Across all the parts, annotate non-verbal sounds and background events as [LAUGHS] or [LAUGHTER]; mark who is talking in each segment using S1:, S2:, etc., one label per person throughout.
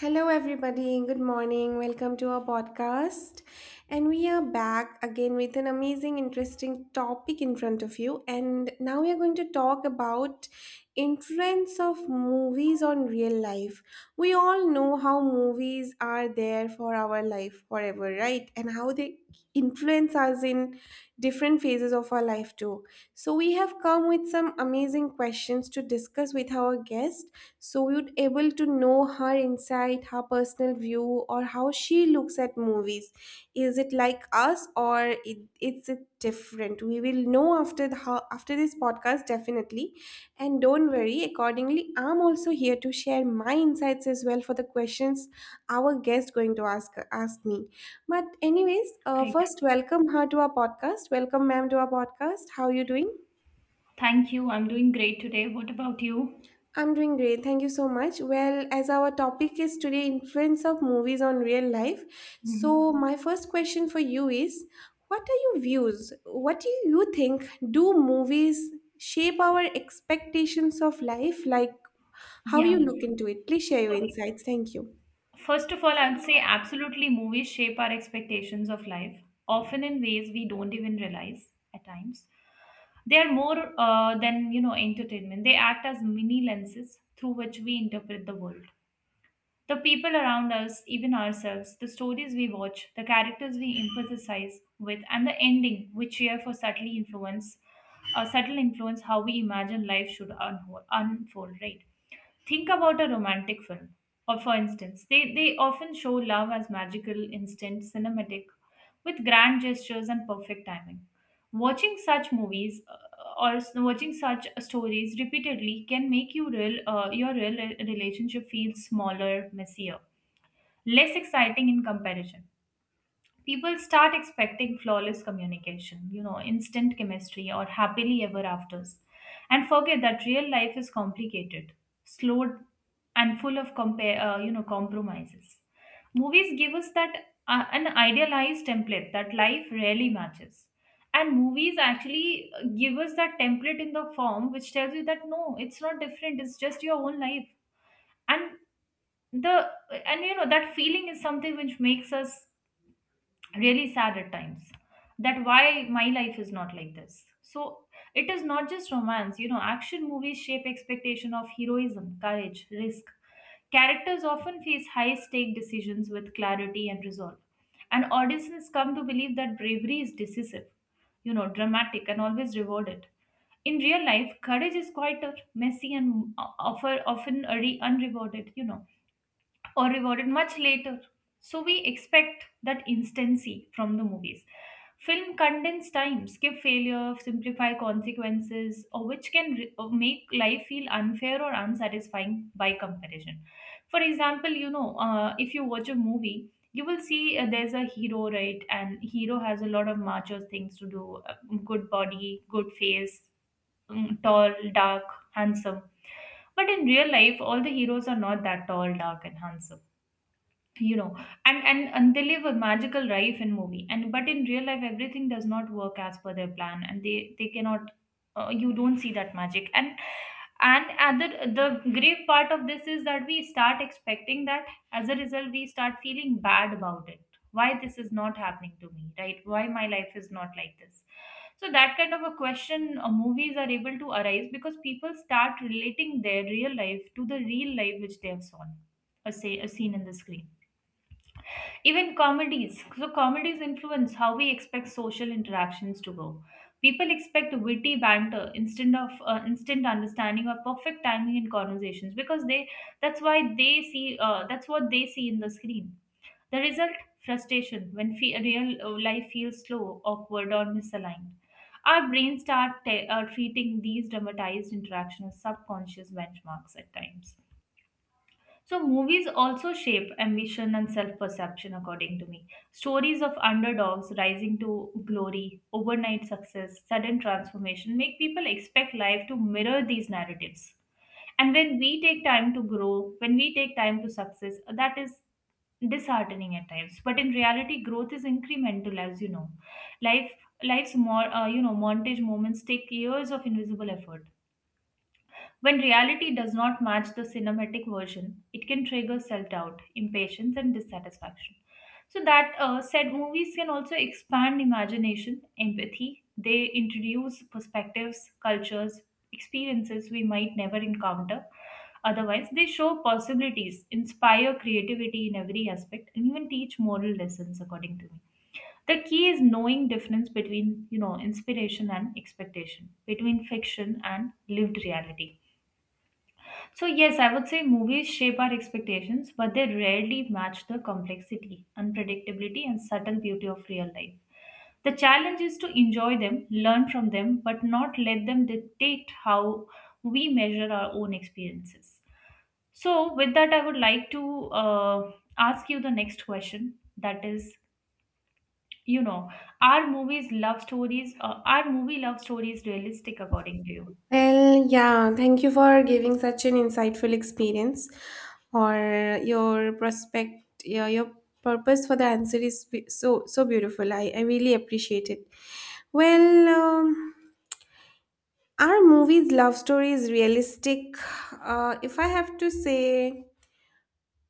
S1: Hello, everybody. Good morning. Welcome to our podcast. And we are back again with an amazing, interesting topic in front of you. And now we are going to talk about influence of movies on real life. We all know how movies are there for our life forever, right? And how they influence us in different phases of our life too. So we have come with some amazing questions to discuss with our guest so we would able to know her insight, her personal view or how she looks at movies. Is it like us or it's it different we will know after the how after this podcast, definitely, and don't worry, accordingly I'm also here to share my insights as well for the questions our guest going to ask me. But anyways,
S2: Great.
S1: first welcome her to our podcast. Welcome, ma'am, to our podcast. How are you doing?
S2: Thank you. I'm doing great today. What about you?
S1: I'm doing great. Thank you so much. Well, as our topic is today influence of movies on real life.
S2: hmm
S1: So, my first question for you is what are your views? What do you think, do movies shape our expectations of life, like how
S2: Yeah.
S1: you look into it? Please share your
S2: Okay.
S1: insights. Thank you.
S2: First of all, I'd say absolutely movies shape our expectations of life, often in ways we don't even realize at times. They are more than, you know, entertainment. They act as mini lenses through which we interpret the world. The people around us, even ourselves, the stories we watch, the characters we empathize with, and the ending we cheer for subtly influence, subtle influence how we imagine life should unfold, right? Think about a romantic film, or for instance, they often show love as magical, instant, cinematic, with grand gestures and perfect timing. Watching such stories repeatedly can make your real relationship feel smaller, messier, less exciting in comparison. People start expecting flawless communication, you know, instant chemistry or happily ever afters, and forget that real life is complicated, slow, and full of compromises. Movies give us that an idealized template that life rarely matches. And movies actually give us that template in the form which tells you that no, it's not different, it's just your own life. And the and you know that feeling is something which makes us really sad at times, that why my life is not like this. So it is not just romance, you know, action movies shape expectation of heroism, courage, risk. Characters often face high stake decisions with clarity and resolve, and audiences come to believe that bravery is decisive, you know, dramatic and always rewarded. In real life courage is quite messy and unrewarded, you know, or rewarded much later. So we expect that instancy from the movies. Film condense time, skip failure, simplify consequences, or which can re- or make life feel unfair or unsatisfying by comparison. For example, you know, if you watch a movie, you will see there's a hero, right? And hero has a lot of macho things to do: good body, good face, tall, dark, handsome. But in real life, all the heroes are not that tall, dark, and handsome, you know. And they live a magical life in movie, and but in real life everything does not work as per their plan and they cannot, you don't see that magic. And other the grave part of this is that we start expecting that. As a result we start feeling bad about it: why this is not happening to me, right? Why my life is not like this? So that kind of a question movies are able to arise, because people start relating their real life to the real life which they have seen, a, say, a scene in the screen. Even comedies. So, comedies influence how we expect social interactions to go. People expect witty banter, instant understanding, or perfect timing in conversations, because they that's why they see that's what they see in the screen. The result, frustration when fe- real life feels slow, awkward, or misaligned. Our brains start treating these dramatized interactions as subconscious benchmarks at times. So, movies also shape ambition and self perception, according to me. Stories of underdogs rising to glory, overnight success, sudden transformation make people expect life to mirror these narratives. And when we take time to grow, when we take time to success, that is disheartening at times. But in reality, growth is incremental, as you know. Life, Life's more, montage moments take years of invisible effort. When reality does not match the cinematic version, it can trigger self doubt, impatience, and dissatisfaction. So, that said, movies can also expand imagination, empathy. They introduce perspectives, cultures, experiences we might never encounter. Otherwise, they show possibilities, inspire creativity in every aspect, and even teach moral lessons, according to me. The key is knowing difference between, you know, inspiration and expectation, between fiction and lived reality. So, yes, I would say movies shape our expectations, but they rarely match the complexity, unpredictability, and subtle beauty of real life. The challenge is to enjoy them, learn from them, but not let them dictate how we measure our own experiences. So, with that, I would like to ask you the next question, that is, you know, are movie love stories realistic according to you?
S1: Well, yeah, thank you for giving such an insightful experience or your prospect. Yeah, your purpose for the answer is so so beautiful. I really appreciate it. Well, are movies love story is realistic? If I have to say,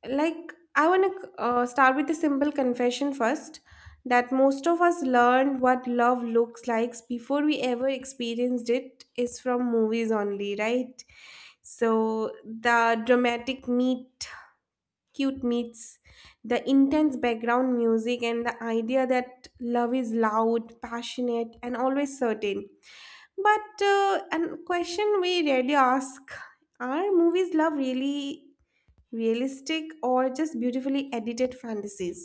S1: like I want to start with a simple confession first, that most of us learned what love looks like before we ever experienced it is from movies only, right? So the dramatic meet cute meets the intense background music and the idea that love is loud, passionate, and always certain. But a question we rarely ask, are movies love really realistic or just beautifully edited fantasies?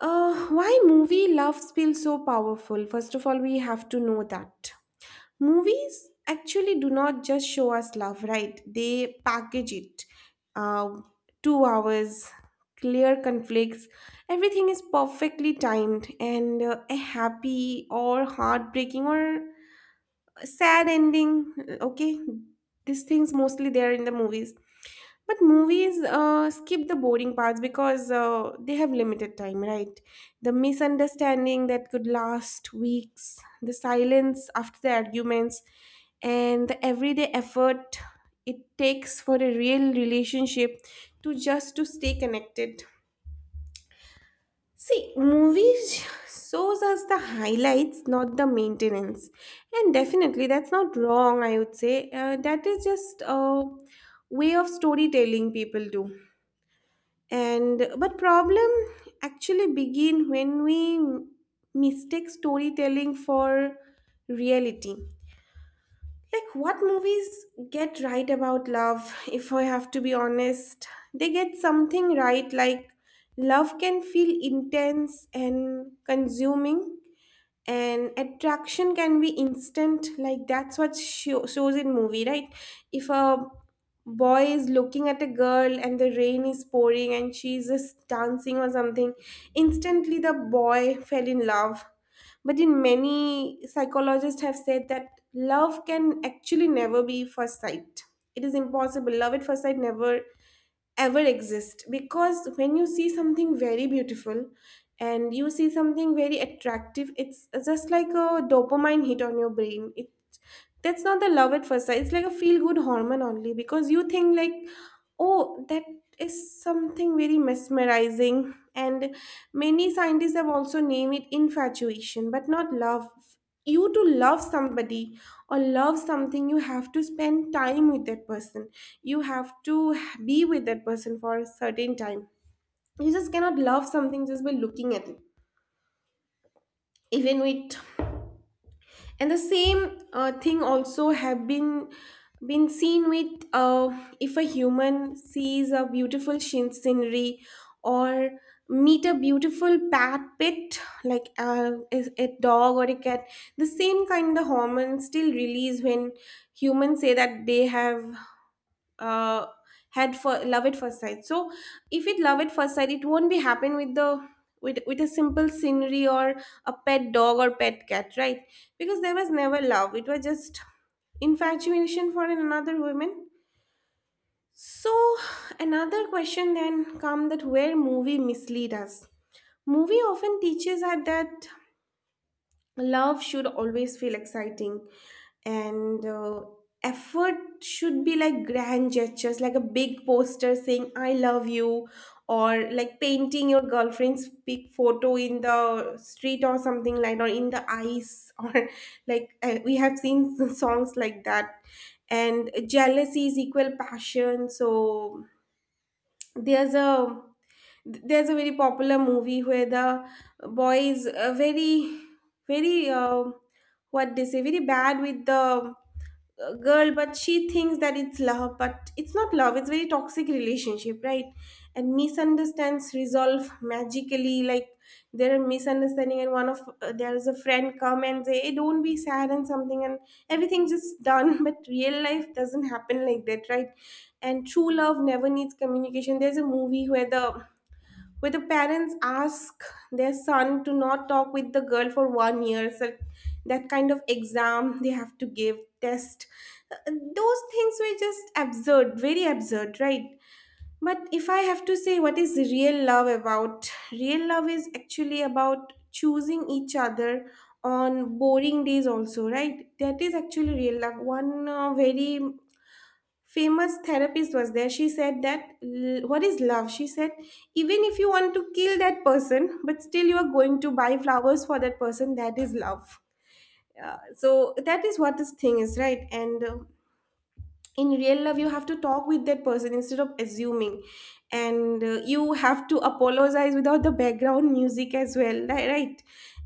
S1: Why movie loves feel so powerful? First of all, we have to know that movies actually do not just show us love, right? They package it. Uh, 2 hours, clear conflicts, everything is perfectly timed, and a happy or heartbreaking or sad ending. Okay, these things mostly there in the movies. But movies skip the boring parts because they have limited time, right? The misunderstanding that could last weeks, the silence after the arguments, and the everyday effort it takes for a real relationship to just to stay connected. See, movies shows us the highlights, not the maintenance. And definitely, that's not wrong, I would say. That is just a way of storytelling people do. And but problem actually begin when we mistake storytelling for reality. Like what movies get right about love, if I have to be honest, they get something right, like love can feel intense and consuming, and attraction can be instant, like that's what shows in movie, right? If a boy is looking at a girl and the rain is pouring and she's just dancing or something, instantly the boy fell in love. But in, many psychologists have said that love can actually never be first sight. It is impossible. Love at first sight never ever exist, because when you see something very beautiful and you see something very attractive, it's just like a dopamine hit on your brain. It that's not the love at first sight. It's like a feel good hormone only, because you think like, oh, that is something very mesmerizing. And many scientists have also named it infatuation, but not love. You to love somebody or love something, you have to spend time with that person. You have to be with that person for a certain time. You just cannot love something just by looking at it. Even with, and the same thing also have been seen with, if a human sees a beautiful scenery or meet a beautiful pet like, is a dog or a cat, the same kind of hormones still release when humans say that they have uh, had for love at first sight. So if it love at first sight, it won't be happen with the with a simple scenery or a pet dog or pet cat, right? Because there was never love, it was just infatuation for another woman. So another question then come, that where movie mislead us. Movie often teaches us that love should always feel exciting, and effort should be like grand gestures, like a big poster saying I love you, or like painting your girlfriend's big photo in the street or something like or in the ice [LAUGHS] or like, we have seen [LAUGHS] songs like that. And jealousy is equal passion. So there's a, there's a very popular movie where the boy is very very what they say, very bad with the girl, but she thinks that it's love, but it's not love, it's very toxic relationship, right? And misunderstands resolve magically, like there are misunderstanding and one of there is a friend come and say hey don't be sad and something, and everything just done [LAUGHS] but real life doesn't happen like that, right? And true love never needs communication. There's a movie where the parents ask their son to not talk with the girl for 1 year. So that kind of exam they have to give, test. Uh, those things were just absurd, very absurd, right? But if I have to say what is real love about, real love is actually about choosing each other on boring days also, right? That is actually real love. One very famous therapist was there, she said that, what is love. She said, even if you want to kill that person, but still you are going to buy flowers for that person, that is love. Uh, so that is what this thing is, right? And in real love you have to talk with that person instead of assuming. And you have to apologize without the background music as well, right?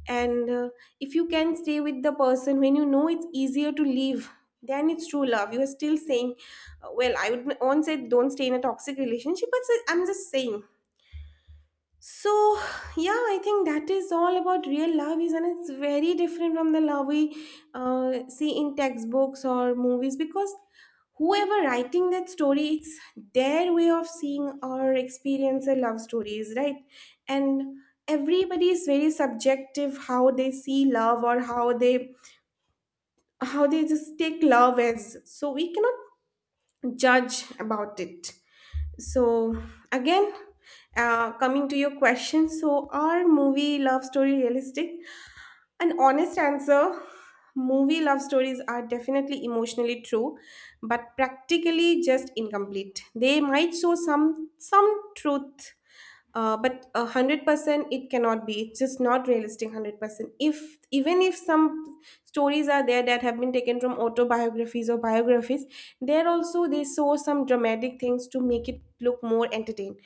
S1: And if you can stay with the person when you know it's easier to leave, then it's true love. You are still saying, well I would won't say don't stay in a toxic relationship, but I'm just saying. So, yeah, I think that is all about real love is, and it's very different from the love we see in textbooks or movies, because whoever writing that story, it's their way of seeing or experience a love stories, right? And everybody is very subjective how they see love, or how they just take love as. So we cannot judge about it. So, again, coming to your question, so are movie love story realistic? An honest answer, movie love stories are definitely emotionally true, but practically just incomplete. They might show some truth, but 100% it cannot be. It's just not realistic 100%. If even if some stories are there that have been taken from autobiographies or biographies, there also they saw some dramatic things to make it look more entertaining.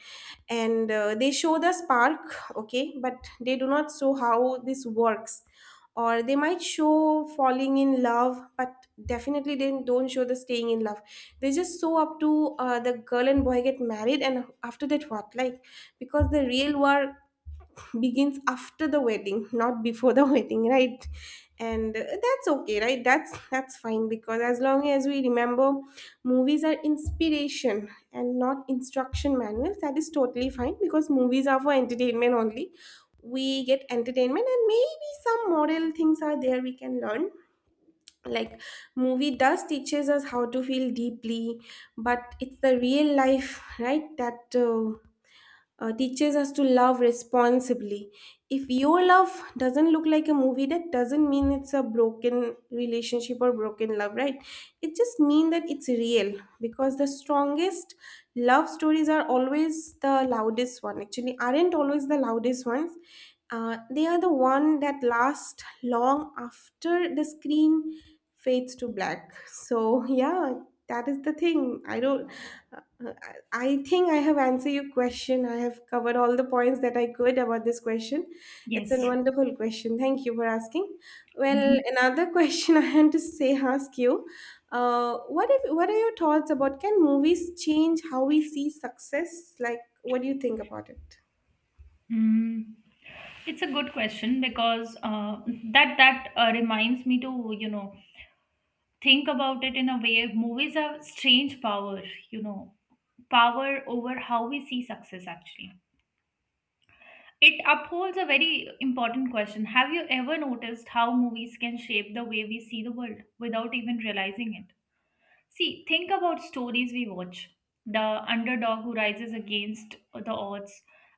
S1: And they show the spark, okay, but they do not show how this works, or they might show falling in love, but definitely they don't show the staying in love. They just show up to the girl and boy get married, and after that what, like, because the real work begins after the wedding, not before the [LAUGHS] wedding, right? And that's okay, right? That's fine, because as long as we remember movies are inspiration and not instruction manuals, that is totally fine. Because movies are for entertainment only, we get entertainment, and maybe some moral things are there we can learn. Like movie does teaches us how to feel deeply, but it's the real life, right, that teaches us to love responsibly. If your love doesn't look like a movie, that doesn't mean it's a broken relationship or broken love, right? It just means that it's real. Because the strongest love stories are always the loudest one. Actually, aren't always the loudest ones. They are the one that last long after the screen fades to black. So yeah, that is the thing. I don't. Uh, uh, I I think I have answered your question. I have covered all the points that I could about this question. It's a
S2: Yes.
S1: wonderful question. Thank you for asking. Well,
S2: Mhm.
S1: another [LAUGHS] question I had to say ask you. What if? What are your thoughts about? Can movies change how we see success? Like, what do you think about it?
S2: Mm. It's a good question because that that reminds me to, you know, think about it in a way. Movies have strange power, you know, power over how we see success. Actually, it upholds a very important question. Have you ever noticed how movies can shape the way we see the world without even realizing it? See, think about stories we watch. The underdog who rises against the odds,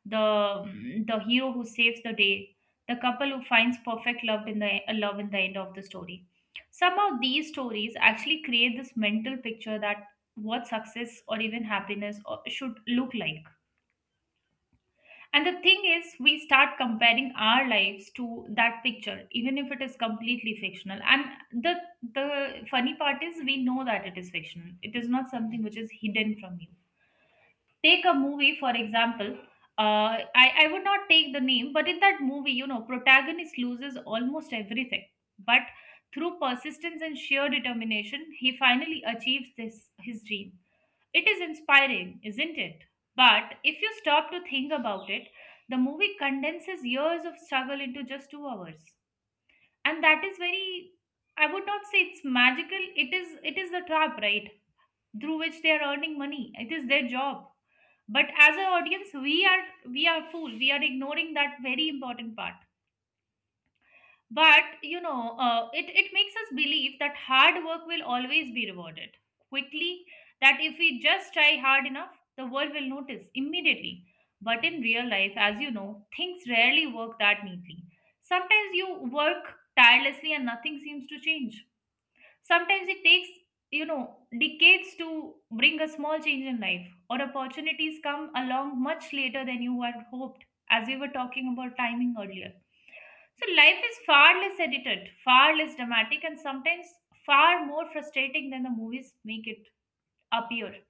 S2: the hero who saves the day, the couple who finds perfect love in the end of the story. Somehow these stories actually create this mental picture that what success or even happiness or- should look like. And the thing is, we start comparing our lives to that picture, even if it is completely fictional. And the the funny part is, we know that it is fictional. It is not something which is hidden from you. Take a movie, for example. Uh, I would not take the name, but in that movie, you know, protagonist loses almost everything, but through persistence and sheer determination, he finally achieves this his dream. It is inspiring, isn't it? But if you stop to think about it, the movie condenses years of struggle into just 2 hours. And that is very, I would not say it's magical, it is the trap, right? Through which they are earning money. It is their job. But as an audience, we are fool. We are ignoring that very important part. But you know, it makes us believe that hard work will always be rewarded quickly, that if we just try hard enough the world will notice immediately. But in real life, as you know, things rarely work that neatly. Sometimes you work tirelessly and nothing seems to change. Sometimes it takes, you know, decades to bring a small change in life, or opportunities come along much later than you had hoped, as we were talking about timing earlier. So life is far less edited, far less dramatic, and sometimes far more frustrating than the movies make it appear.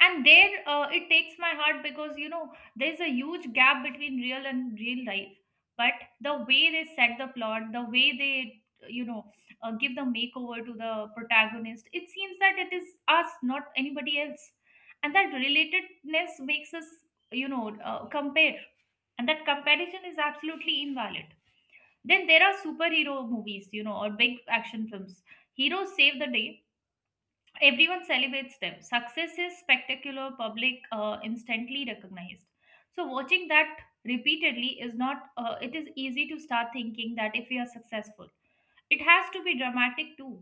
S2: And there it takes my heart because, you know, there's a huge gap between real and real life. But the way they set the plot, the way they, you know, give the makeover to the protagonist, it seems that it is us, not anybody else, and that relatedness makes us, you know, compare, and that comparison is absolutely invalid. Then there are superhero movies, you know, or big action films. Heroes save the day, everyone celebrates them, success is spectacular, public instantly recognized. So watching that repeatedly, is not it is easy to start thinking that if we are successful, it has to be dramatic too,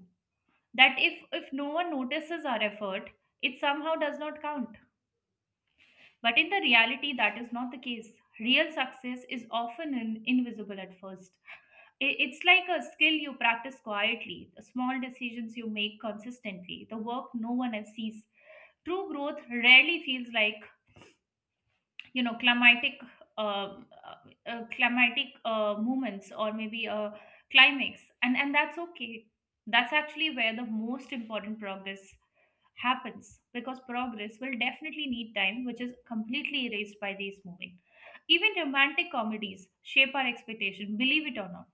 S2: that if no one notices our effort, it somehow does not count. But in the reality that is not the case. Real success is often invisible at first. It's like a skill you practice quietly, the small decisions you make consistently, the work no one else sees. True growth rarely feels like, you know, um, uh, climatic movements, or maybe a climax, and that's okay. That's actually where the most important progress happens, because progress will definitely need time, which is completely erased by these moving. Even romantic comedies shape our expectation, believe it or not.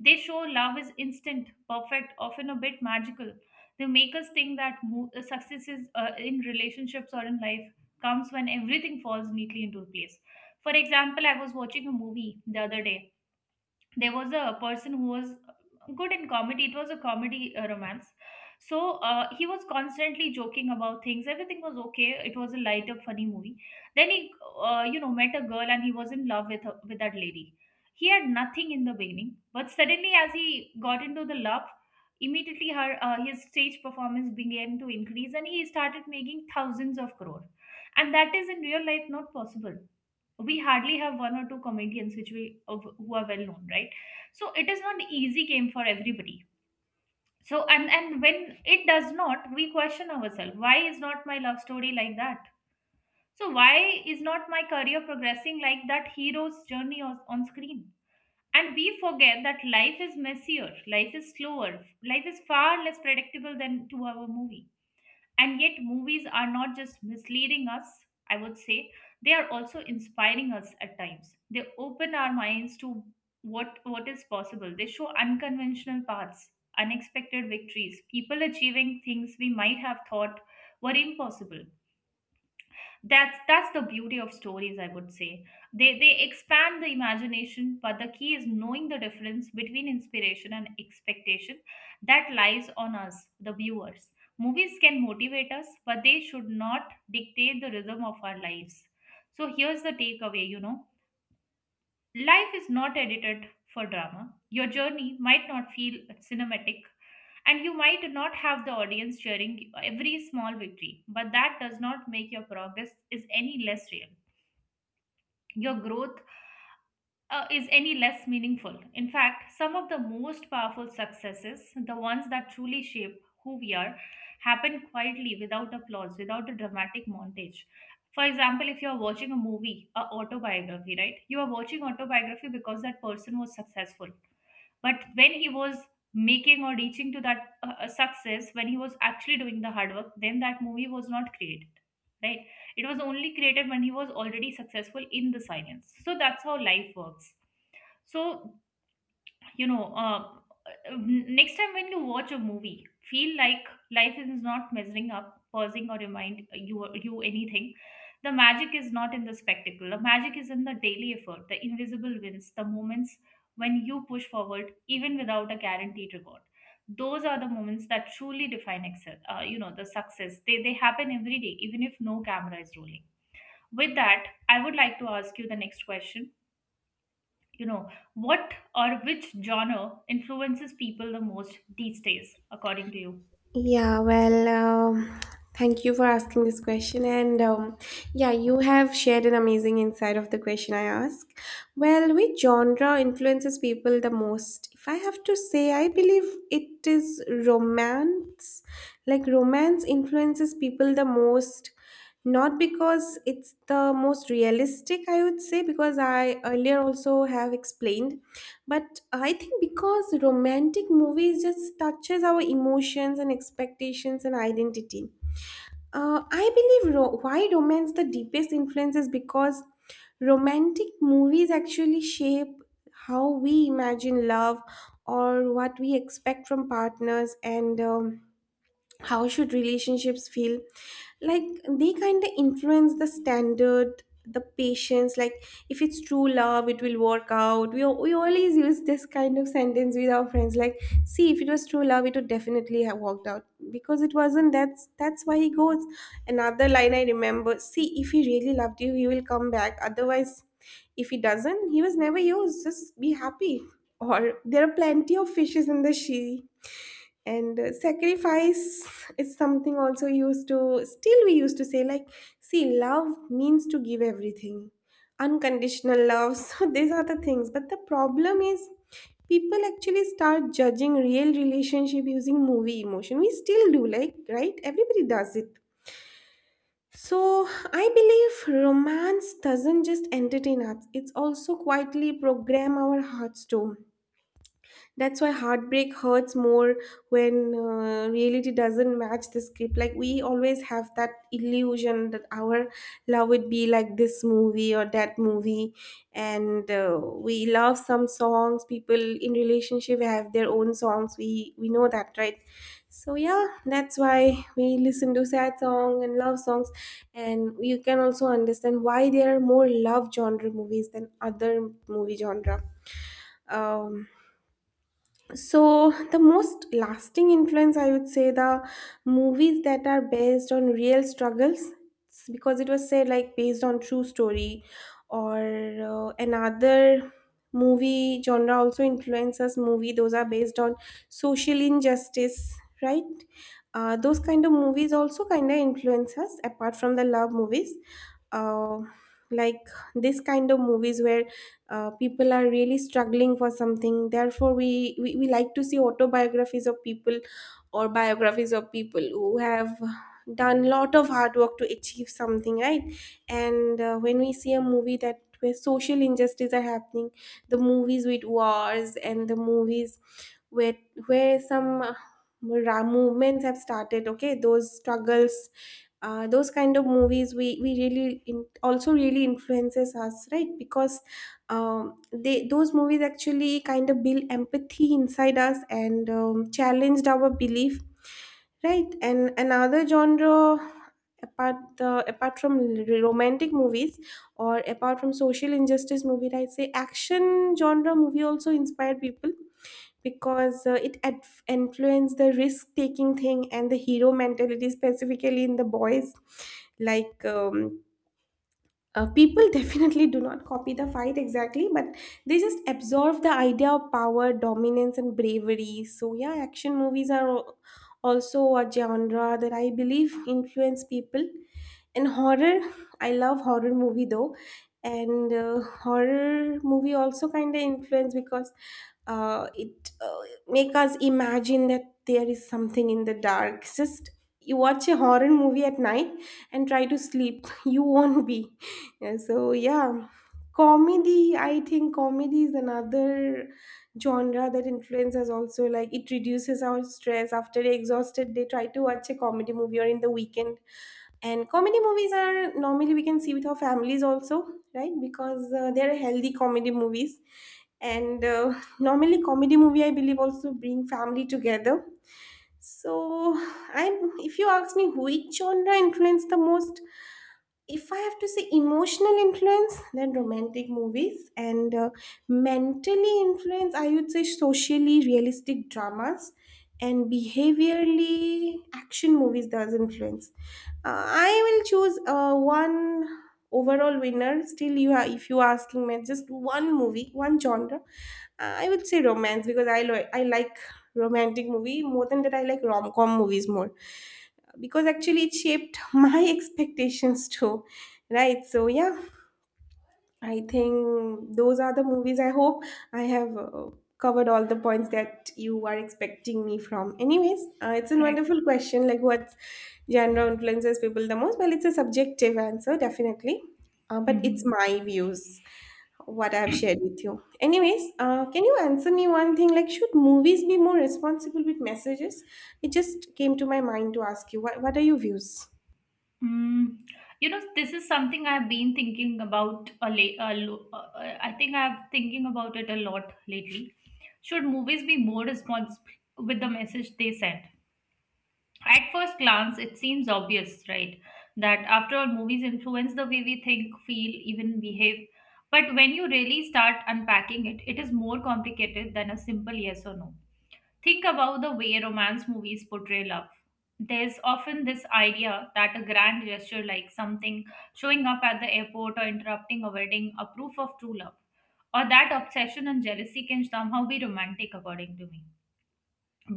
S2: They show love is instant, perfect, often a bit magical. They make us think that successes in relationships or in life comes when everything falls neatly into place. For example, I was watching a movie the other day. There was a person who was good in comedy. It was a comedy romance. So he was constantly joking about things. Everything was okay. It was a light up funny movie. Then he met a girl, and he was in love with her, with that lady. He had nothing in the beginning, but suddenly, as he got into the love, immediately her his stage performance began to increase, and he started making thousands of crore. And that is in real life not possible. We hardly have one or two comedians who are well known, right? So it is not easy game for everybody. So, and when it does not, we question ourselves, why is not my love story like that? So why is not my career progressing like that hero's journey on screen? And we forget that life is messier, life is slower, life is far less predictable than 2-hour movie. And yet, movies are not just misleading us, I would say, they are also inspiring us at times. They open our minds to what is possible. They show unconventional paths, unexpected victories, people achieving things we might have thought were impossible. That's the beauty of stories, I would say. They expand the imagination, but the key is knowing the difference between inspiration and expectation. That lies on us, the viewers. Movies can motivate us, but they should not dictate the rhythm of our lives. So here's the takeaway. Life is not edited for drama. Your journey might not feel cinematic, and you might not have the audience cheering every small victory, but that does not make your progress is any less real. Your growth is any less meaningful. In fact, some of the most powerful successes, the ones that truly shape who we are, happen quietly, without applause, without a dramatic montage. For example, if you are watching a movie, a autobiography, right? You are watching autobiography because that person was successful. But when he was making or reaching to that success, when he was actually doing the hard work, then that movie was not created, right? It was only created when he was already successful in the silence. So that's how life works. So, you know, uh, next time when you watch a movie, feel like life is not measuring up, pausing, or remind you anything. The magic is not in the spectacle. The magic is in the daily effort, the invisible wins, the moments when you push forward even without a guaranteed reward. Those are the moments that truly define the success. They happen every day, even if no camera is rolling. With that, I would like to ask you the next question you know what or which genre influences people the most these days, according to you?
S1: Yeah, well, thank you for asking this question. And yeah, you have shared an amazing insight of the question I ask. Well, which genre influences people the most? If I have to say, I believe it is romance. Like, romance influences people the most, not because it's the most realistic, I would say, because I earlier also have explained, but I think because romantic movies just touches our emotions and expectations and identity. I believe why romance the deepest influence is because romantic movies actually shape how we imagine love or what we expect from partners, and how should relationships feel like. They kind of influence the standard, the patience, like if it's true love it will work out. We always use this kind of sentence with our friends, like, see, if it was true love it would definitely have worked out because it wasn't. That's why he goes another line I remember, see, if he really loved you he will come back, otherwise if he doesn't he was never yours, just be happy. Or there are plenty of fishes in the sea. And sacrifice is something also used to, still we used to say, like, see, love means to give everything, unconditional love. [LAUGHS] So these are the things, but the problem is people actually start judging real relationship using movie emotion. We still do, like, right, everybody does it. So I believe romance doesn't just entertain us, it's also quietly program our hearts too. That's why heartbreak hurts more when reality doesn't match the script. Like, we always have that illusion that our love would be like this movie or that movie, and we love some songs. People in relationship have their own songs. We know that, right? So yeah, that's why we listen to sad song and love songs, and you can also understand why there are more love genre movies than other movie genre. Um, so the most lasting influence, I would say, the movies that are based on real struggles, because it was said, like, based on true story. Or another movie genre also influences movie, those are based on social injustice, right? Those kind of movies also kind of influence us apart from the love movies. uh, like, this kind of movies where people are really struggling for something, therefore we like to see autobiographies of people or biographies of people who have done lot of hard work to achieve something, right? And when we see a movie that where social injustices are happening, the movies with wars and the movies where some movements have started, okay, those struggles. Those kind of movies we really in, also really influences us, right? Because they, those movies actually kind of build empathy inside us and challenged our belief, right? And another genre, apart from romantic movies or apart from social injustice movie, I say action genre movie also inspired people because it adf influenced the risk taking thing and the hero mentality, specifically in the boys, like people [LAUGHS] definitely do not copy the fight exactly, but they just absorb the idea of power, dominance and bravery. So yeah, action movies are also a genre that I believe influence people. And horror, I love horror movie though. And horror movie also kind of influence because it make us imagine that there is something in the dark. Just you watch a horror movie at night and try to sleep, [LAUGHS] you won't be. Yeah, so yeah, comedy. I think comedy is another genre that influences also, like it reduces our stress after exhausted. They try to watch a comedy movie or in the weekend. And comedy movies are normally we can see with our families also, right? Because they are healthy comedy movies. And normally comedy movie I believe also bring family together. So, I'm, if you ask me which genre influenced the most, if I have to say emotional influence, then romantic movies, and mentally influence, I would say socially realistic dramas, and behaviorally action movies does influence. I will choose one overall winner. Still, you are, if you are asking me just one movie, one genre. I would say romance because I I like romantic movie, more than that I like rom-com movies more because actually it shaped [LAUGHS] my expectations too, right? So yeah, I think those are the movies. I hope I have covered all the points that you are expecting me from. Anyways, it's a
S2: Correct.
S1: wonderful question, like what genre influences people the most? Well, it's a subjective answer, definitely. But it's
S2: Hmm.
S1: my views, what I've shared with you. Anyways, can you answer me one thing? Like, should movies be more responsible with messages? It just came to my mind to ask you. What are your views?
S2: Mm, this is something I've been thinking about a la- a lo- I think I'm thinking about it a lot lately. Should movies be more responsible with the message they send? At first glance, it seems obvious, right? That after all, movies influence the way we think, feel, even behave. But when you really start unpacking it, it is more complicated than a simple yes or no. Think about the way romance movies portray love. There's often this idea that a grand gesture, like something showing up at the airport or interrupting a wedding, are proof of true love, or that obsession and jealousy can somehow be romantic, according to me.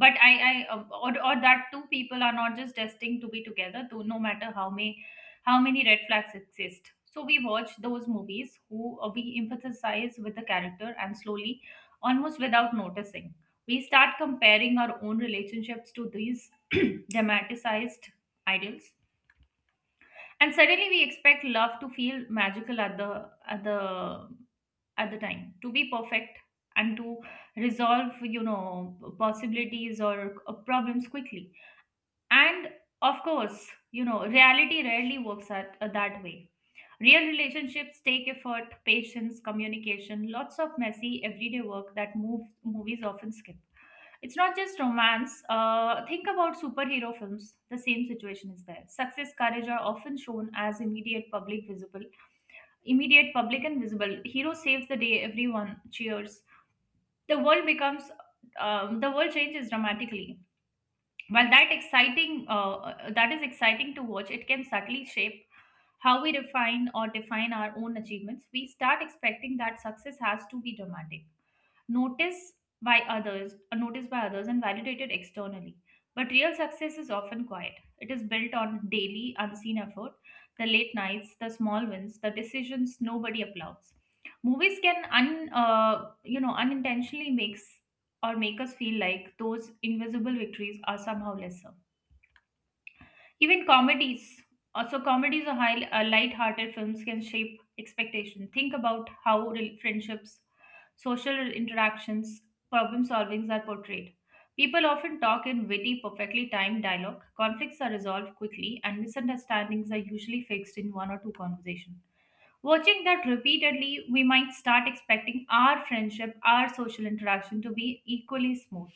S2: But or that two people are not just destined to be together, though, no matter how many red flags exist. So we watch those movies, who we emphasize with the character, and slowly, almost without noticing, we start comparing our own relationships to these [CLEARS THROAT] dramatized ideals. And suddenly we expect love to feel magical at the at the time, to be perfect, and to resolve possibilities or problems quickly. And of course, reality rarely works that way. Real relationships take effort, patience, communication, lots of messy everyday work that movies often skip. It's not just romance. Think about superhero films. The same situation is there. Success, courage are often shown as immediate public immediate public and visible. Hero saves the day. Everyone cheers. The world the world changes dramatically. That is exciting to watch. It can subtly shape how we refine or define our own achievements. We start expecting that success has to be dramatic, noticed noticed by others, and validated externally. But real success is often quiet. It is built on daily, unseen effort, the late nights, the small wins, the decisions nobody applauds. Movies can unintentionally make us feel like those invisible victories are somehow lesser. Even comedies, also comedies or light-hearted films can shape expectation. Think about how friendships, social interactions, problem solvings are portrayed. People often talk in witty, perfectly timed dialogue. Conflicts are resolved quickly, and misunderstandings are usually fixed in one or two conversations. Watching that repeatedly, we might start expecting our friendship, our social interaction to be equally smooth.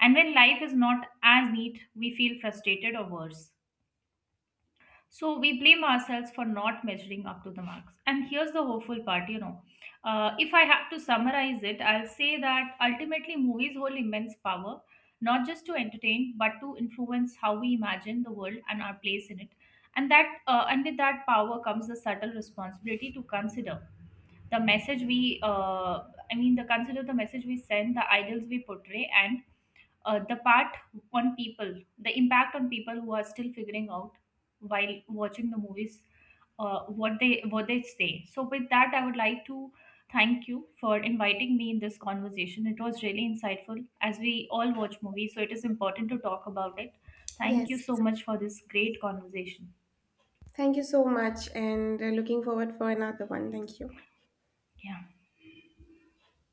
S2: And when life is not as neat, we feel frustrated or worse. So we blame ourselves for not measuring up to the marks. And here's the hopeful part. If I have to summarize it, I'll say that ultimately movies hold immense power, not just to entertain, but to influence how we imagine the world and our place in it. And with that power comes the subtle responsibility to consider the message I mean, the consider the message we send, the ideals we portray, and uh, the part the impact on people who are still figuring out while watching the movies, what they say. So with that, I would like to thank you for inviting me in this conversation. It was really insightful, as we all watch movies, so it is important to talk about it. Thank you
S1: Yes.
S2: so much for this great conversation.
S1: Thank you so much, and looking forward for another one. Thank you.
S2: Yeah.